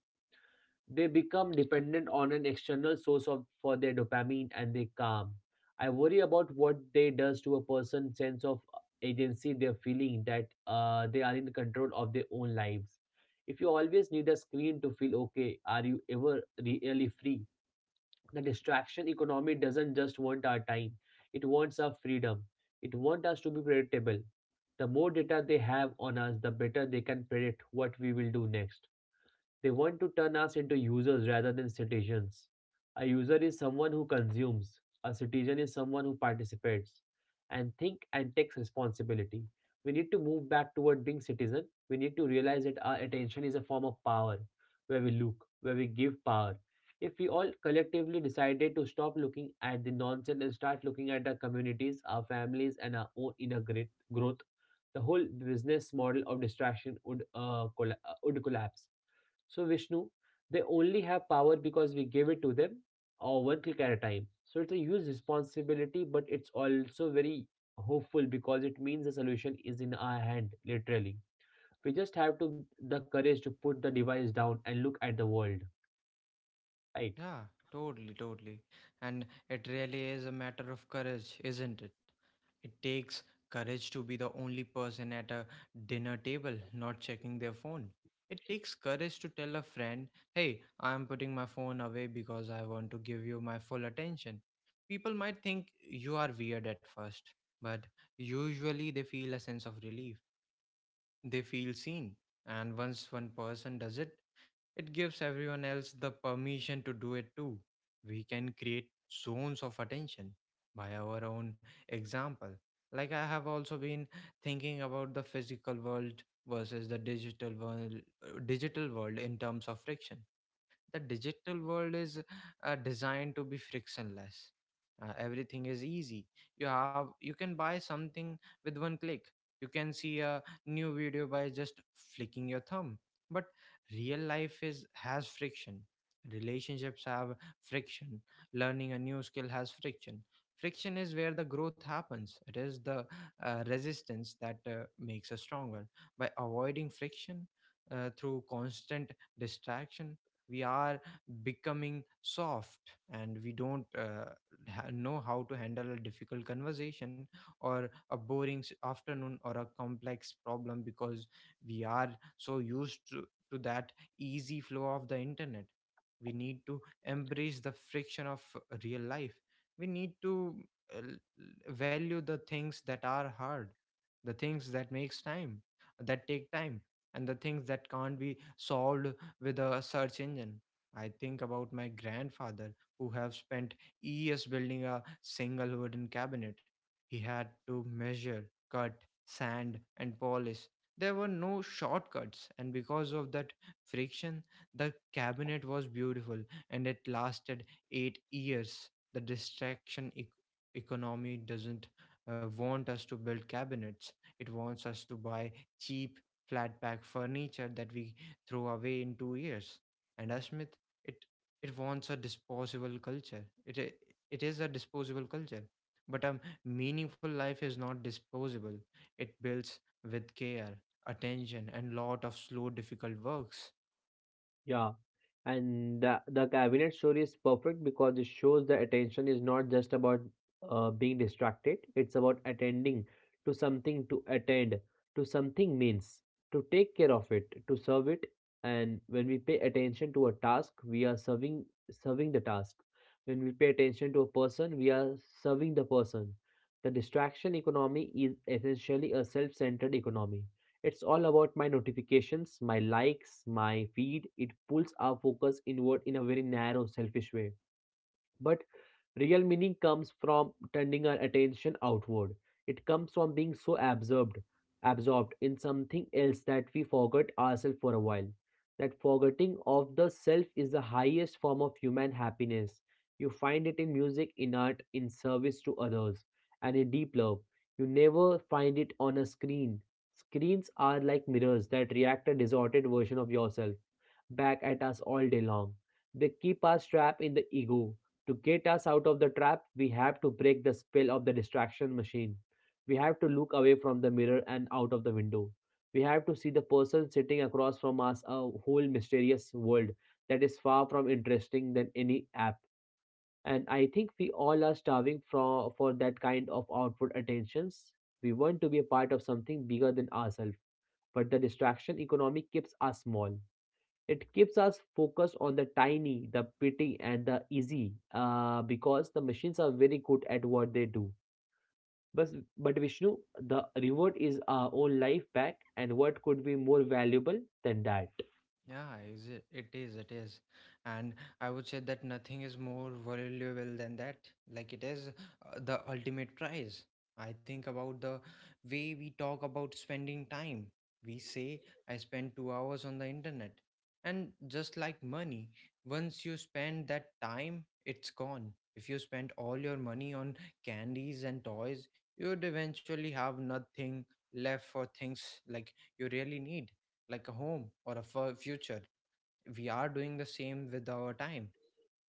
B: They become dependent on an external source of, for their dopamine and their calm. I worry about what they does to a person's sense of agency. They're feeling that they are in control of their own lives. If you always need a screen to feel okay, are you ever really free? The distraction economy doesn't just want our time; it wants our freedom. It wants us to be predictable. The more data they have on us, the better they can predict what we will do next. They want to turn us into users rather than citizens. A user is someone who consumes, a citizen is someone who participates and think and takes responsibility. We need to move back toward being citizen. We need to realize that our attention is a form of power where we look, where we give power. If we all collectively decided to stop looking at the nonsense and start looking at our communities, our families, and our own inner great growth, the whole business model of distraction would would collapse. So Vishnu, they only have power because we give it to them or one click at a time. So it's a huge responsibility, but it's also very hopeful because it means the solution is in our hand, literally. We just have to the courage to put the device down and look at the world, right?
A: Yeah, totally, totally. And it really is a matter of courage, isn't it? It takes courage to be the only person at a dinner table not checking their phone. It takes courage to tell a friend, hey, I'm putting my phone away because I want to give you my full attention. People might think you are weird at first, but usually they feel a sense of relief. They feel seen. And once one person does it, it gives everyone else the permission to do it too. We can create zones of attention by our own example. Like I have also been thinking about the physical world versus the digital world, in terms of friction. The digital world is designed to be frictionless. Everything is easy. You can buy something with one click. You can see a new video by just flicking your thumb. But real life is has friction. Relationships have friction. Learning a new skill has friction. Friction is where the growth happens. It is the resistance that makes us stronger. By avoiding friction through constant distraction, we are becoming soft, and we don't know how to handle a difficult conversation or a boring afternoon or a complex problem because we are so used to that easy flow of the internet. We need to embrace the friction of real life. We need to value the things that are hard, the things that makes time that take time, and the things that can't be solved with a search engine. I think about my grandfather who have spent years building a single wooden cabinet. He had to measure, cut, sand and polish. There were no shortcuts, and because of that friction the cabinet was beautiful and it lasted 8 years. The economy doesn't want us to build cabinets. It wants us to buy cheap flat pack furniture that we throw away in 2 years. And as Smith, it it wants a disposable culture. It is a disposable culture, but a meaningful life is not disposable. It builds with care, attention, and lot of slow, difficult works.
B: Yeah, and the cabinet story is perfect because it shows the attention is not just about being distracted, it's about attending to something, to attend to something means to take care of it, to serve it. And when we pay attention to a task, we are serving the task. When we pay attention to a person, we are serving the person. The distraction economy is essentially a self-centered economy it's all about my notifications, my likes, my feed. It pulls our focus inward in a very narrow, selfish way. But real meaning comes from turning our attention outward. It comes from being so absorbed in something else that we forget ourselves for a while. That forgetting of the self is the highest form of human happiness. You find it in music, in art, in service to others, and in deep love. You never find it on a screen. Screens are like mirrors that react a distorted version of yourself back at us all day long. They keep us trapped in the ego, to get us out of the trap, we have to break the spell of the distraction machine. We have to look away from the mirror and out of the window. We have to see the person sitting across from us, a whole mysterious world that is far from interesting than any app. And I think we all are starving for that kind of outward attentions. We want to be a part of something bigger than ourselves, but the distraction economy keeps us small. It keeps us focused on the tiny, the petty, and the easy, because the machines are very good at what they do. But, but Vishnu, the reward is our own life back, and what could be more valuable than that?
A: Yeah, it is, it is. And I would say that nothing is more valuable than that. Like it is the ultimate prize. I think about the way we talk about spending time. We say, I spent 2 hours on the internet. And just like money, once you spend that time, it's gone. If you spend all your money on candies and toys, you'd eventually have nothing left for things like you really need, like a home or a future. We are doing the same with our time.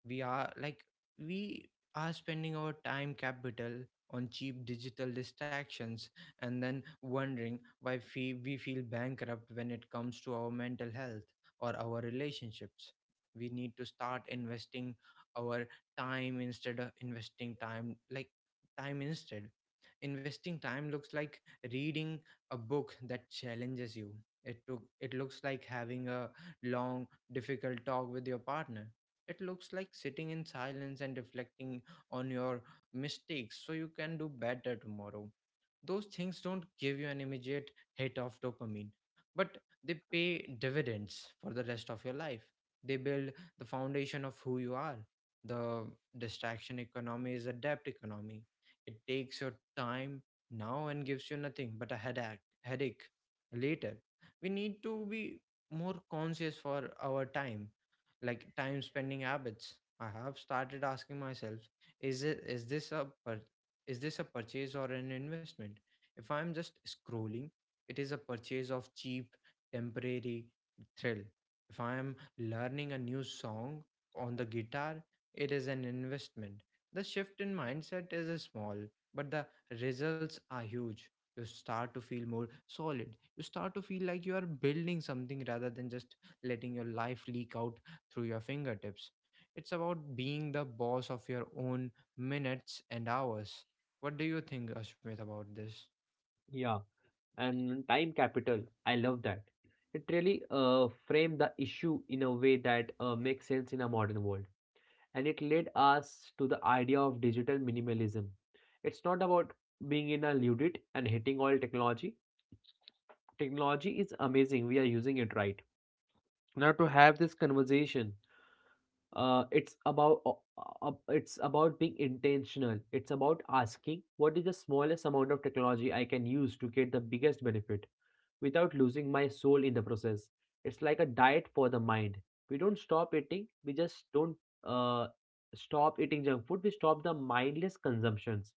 A: We are like we are spending our time capital on cheap digital distractions, and then wondering why we feel bankrupt when it comes to our mental health or our relationships. We need to start investing our time instead of time instead investing time. Looks like reading a book that challenges you. It looks like having a long, difficult talk with your partner. It looks like sitting in silence and reflecting on your mistakes so you can do better tomorrow. Those things don't give you an immediate hit of dopamine, but they pay dividends for the rest of your life. They build the foundation of who you are. The distraction economy is a debt economy. It takes your time now and gives you nothing but a headache later. We need to be more conscious for our time, like time spending habits. I have started asking myself, is it is this a pur- is this a purchase or an investment? If I'm just scrolling, it is a purchase of cheap, temporary thrill. If I am learning a new song on the guitar, it is an investment. The shift in mindset is small, but the results are huge. You start to feel more solid. You start to feel like you are building something rather than just letting your life leak out through your fingertips. It's about being the boss of your own minutes and hours. What do you think, Ashmit, about this?
B: Yeah, and time capital. I love that. It really framed the issue in a way that makes sense in a modern world, and it led us to the idea of digital minimalism. It's not about being in a ludite and hating all technology technology is amazing we are using it right now to have this conversation uh, it's about uh, it's about being intentional it's about asking what is the smallest amount of technology I can use to get the biggest benefit without losing my soul in the process it's like a diet for the mind we don't stop eating we just don't uh, stop eating junk food we stop the mindless consumptions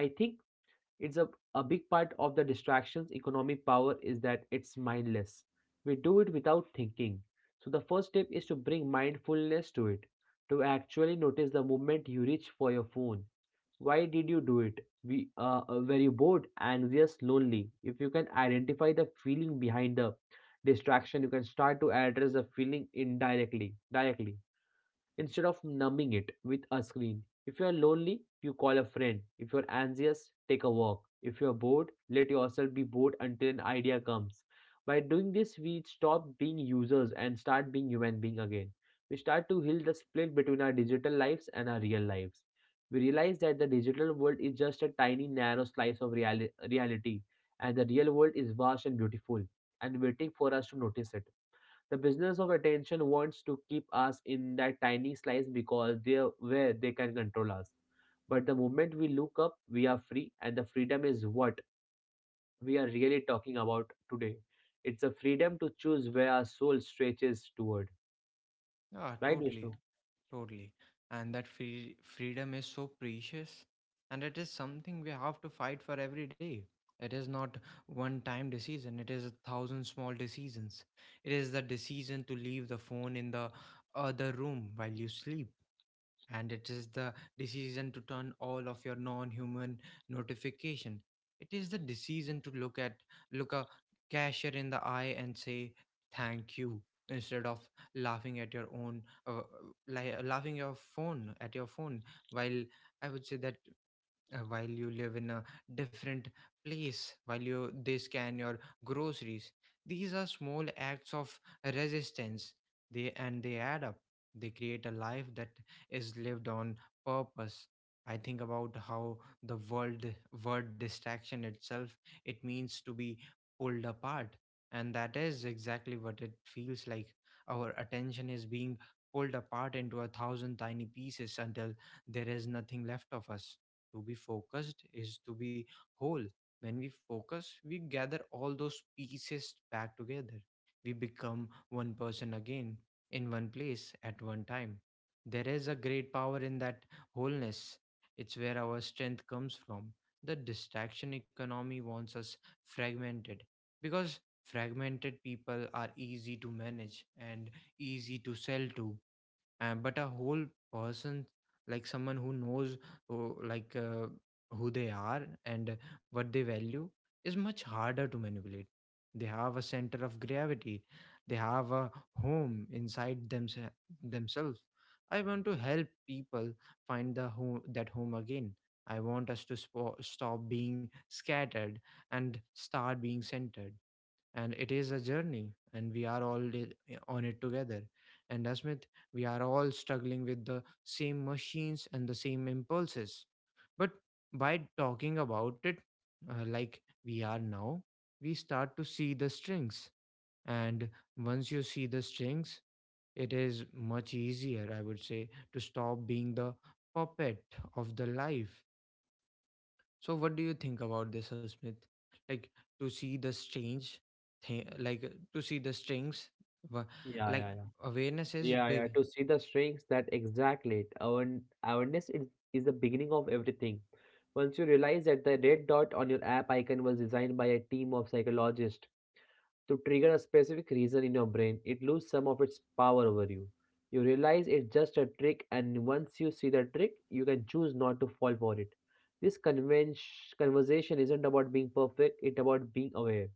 B: I think it's a big part of the distractions economic power is that it's mindless. We do it without thinking. So the first step is to bring mindfulness to it, to actually notice the moment you reach for your phone. Why did you do it? We were you bored, anxious, lonely. If you can identify the feeling behind the distraction, you can start to address the feeling directly instead of numbing it with a screen. If you are lonely, you call a friend. If you're anxious, take a walk. If you're bored, let yourself be bored until an idea comes. By doing this, we stop being users and start being human beings again. We start to heal the split between our digital lives and our real lives. We realize that the digital world is just a tiny narrow slice of reality and the real world is vast and beautiful and waiting for us to notice it. The business of attention wants to keep us in that tiny slice because they are where they can control us. But the moment we look up, we are free, and the freedom is what we are really talking about today. It's a freedom to choose where our soul stretches toward.
A: Ah,
B: Right,
A: totally,
B: Vishnu?
A: totally. And that freedom is so precious, and it is something we have to fight for every day. It is not one time decision, it is a thousand small decisions. It is the decision to leave the phone in the other room while you sleep, and it is the decision to turn all of your non-human notification. It is the decision to look a cashier in the eye and say thank you instead of laughing at your own uh, laughing your phone at your phone while, I would say that, while you live in a different place, while you, they scan your groceries. These are small acts of resistance. They add up. They create a life that is lived on purpose. I think about how the world word distraction itself, it means to be pulled apart, and that is exactly what it feels like. Our attention is being pulled apart into a thousand tiny pieces until there is nothing left of us. To be focused is to be whole. When we focus, we gather all those pieces back together. We become one person again, in one place, at one time. There is a great power in that wholeness. It's where our strength comes from. The distraction economy wants us fragmented, because fragmented people are easy to manage and easy to sell to. But a whole person, like someone who knows who, like uh, who they are and what they value, is much harder to manipulate. They have a center of gravity. They have a home inside themselves. I want to help people find the home again. I want us to stop being scattered and start being centered. And it is a journey, and we are all on it together. And Asmith, we are all struggling with the same machines and the same impulses. But by talking about it, like we are now, we start to see the strings. And once you see the strings, it is much easier, I would say, to stop being the puppet of the life. So, what do you think about this, Smith? Like to see the strange thing, like to see the strings, wha-
B: Yeah,
A: like
B: yeah, yeah.
A: awareness is
B: Yeah, yeah.
A: big.
B: To see the strings that exactly it. Awareness is the beginning of everything. Once you realize that the red dot on your app icon was designed by a team of psychologists to trigger a specific reason in your brain, it loses some of its power over you. You realize it's just a trick, and once you see the trick, you can choose not to fall for it. This convention, conversation isn't about being perfect, it's about being aware.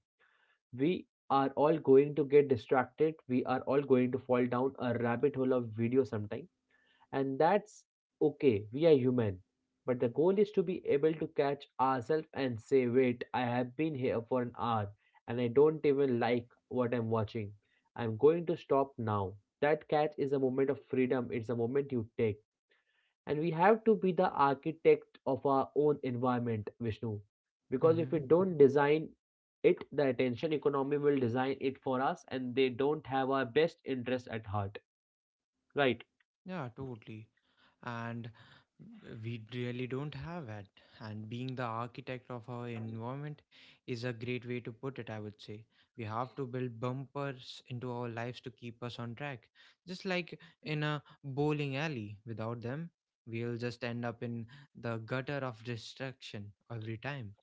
B: We are all going to get distracted, we are all going to fall down a rabbit hole of video sometime and that's okay, we are human. But the goal is to be able to catch ourselves and say, wait, I have been here for an hour and I don't even like what I'm watching. I'm going to stop now. That catch is a moment of freedom, it's a moment you take. And we have to be the architect of our own environment, Vishnu. Because if
A: Mm-hmm.
B: we don't design it, the attention economy will design it for us and they don't have our best interest at heart. Right,
A: Yeah, totally. And we really don't have that. And being the architect of our environment is a great way to put it, I would say. We have to build bumpers into our lives to keep us on track. Just like in a bowling alley, without them, we'll just end up in the gutter of destruction every time.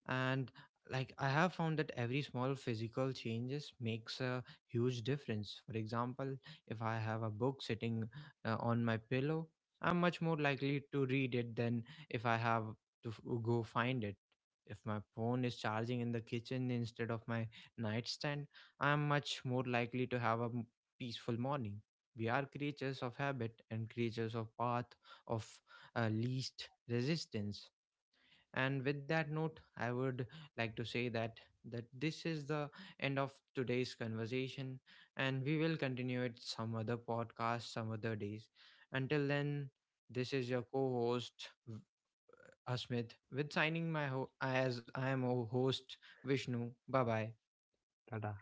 A: And like, I have found that every small physical changes makes a huge difference. For example, if I have a book sitting on my pillow, I'm much more likely to read it than if I have to go find it. If my phone is charging in the kitchen instead of my nightstand, I'm much more likely to have a peaceful morning. We are creatures of habit and creatures of path of, least resistance. And with that note, I would like to say that this is the end of today's conversation, and we will continue it some other podcast, some other days. Until then, this is your co-host Asmit, with signing my as I am a host Vishnu. Bye bye.
B: Tata?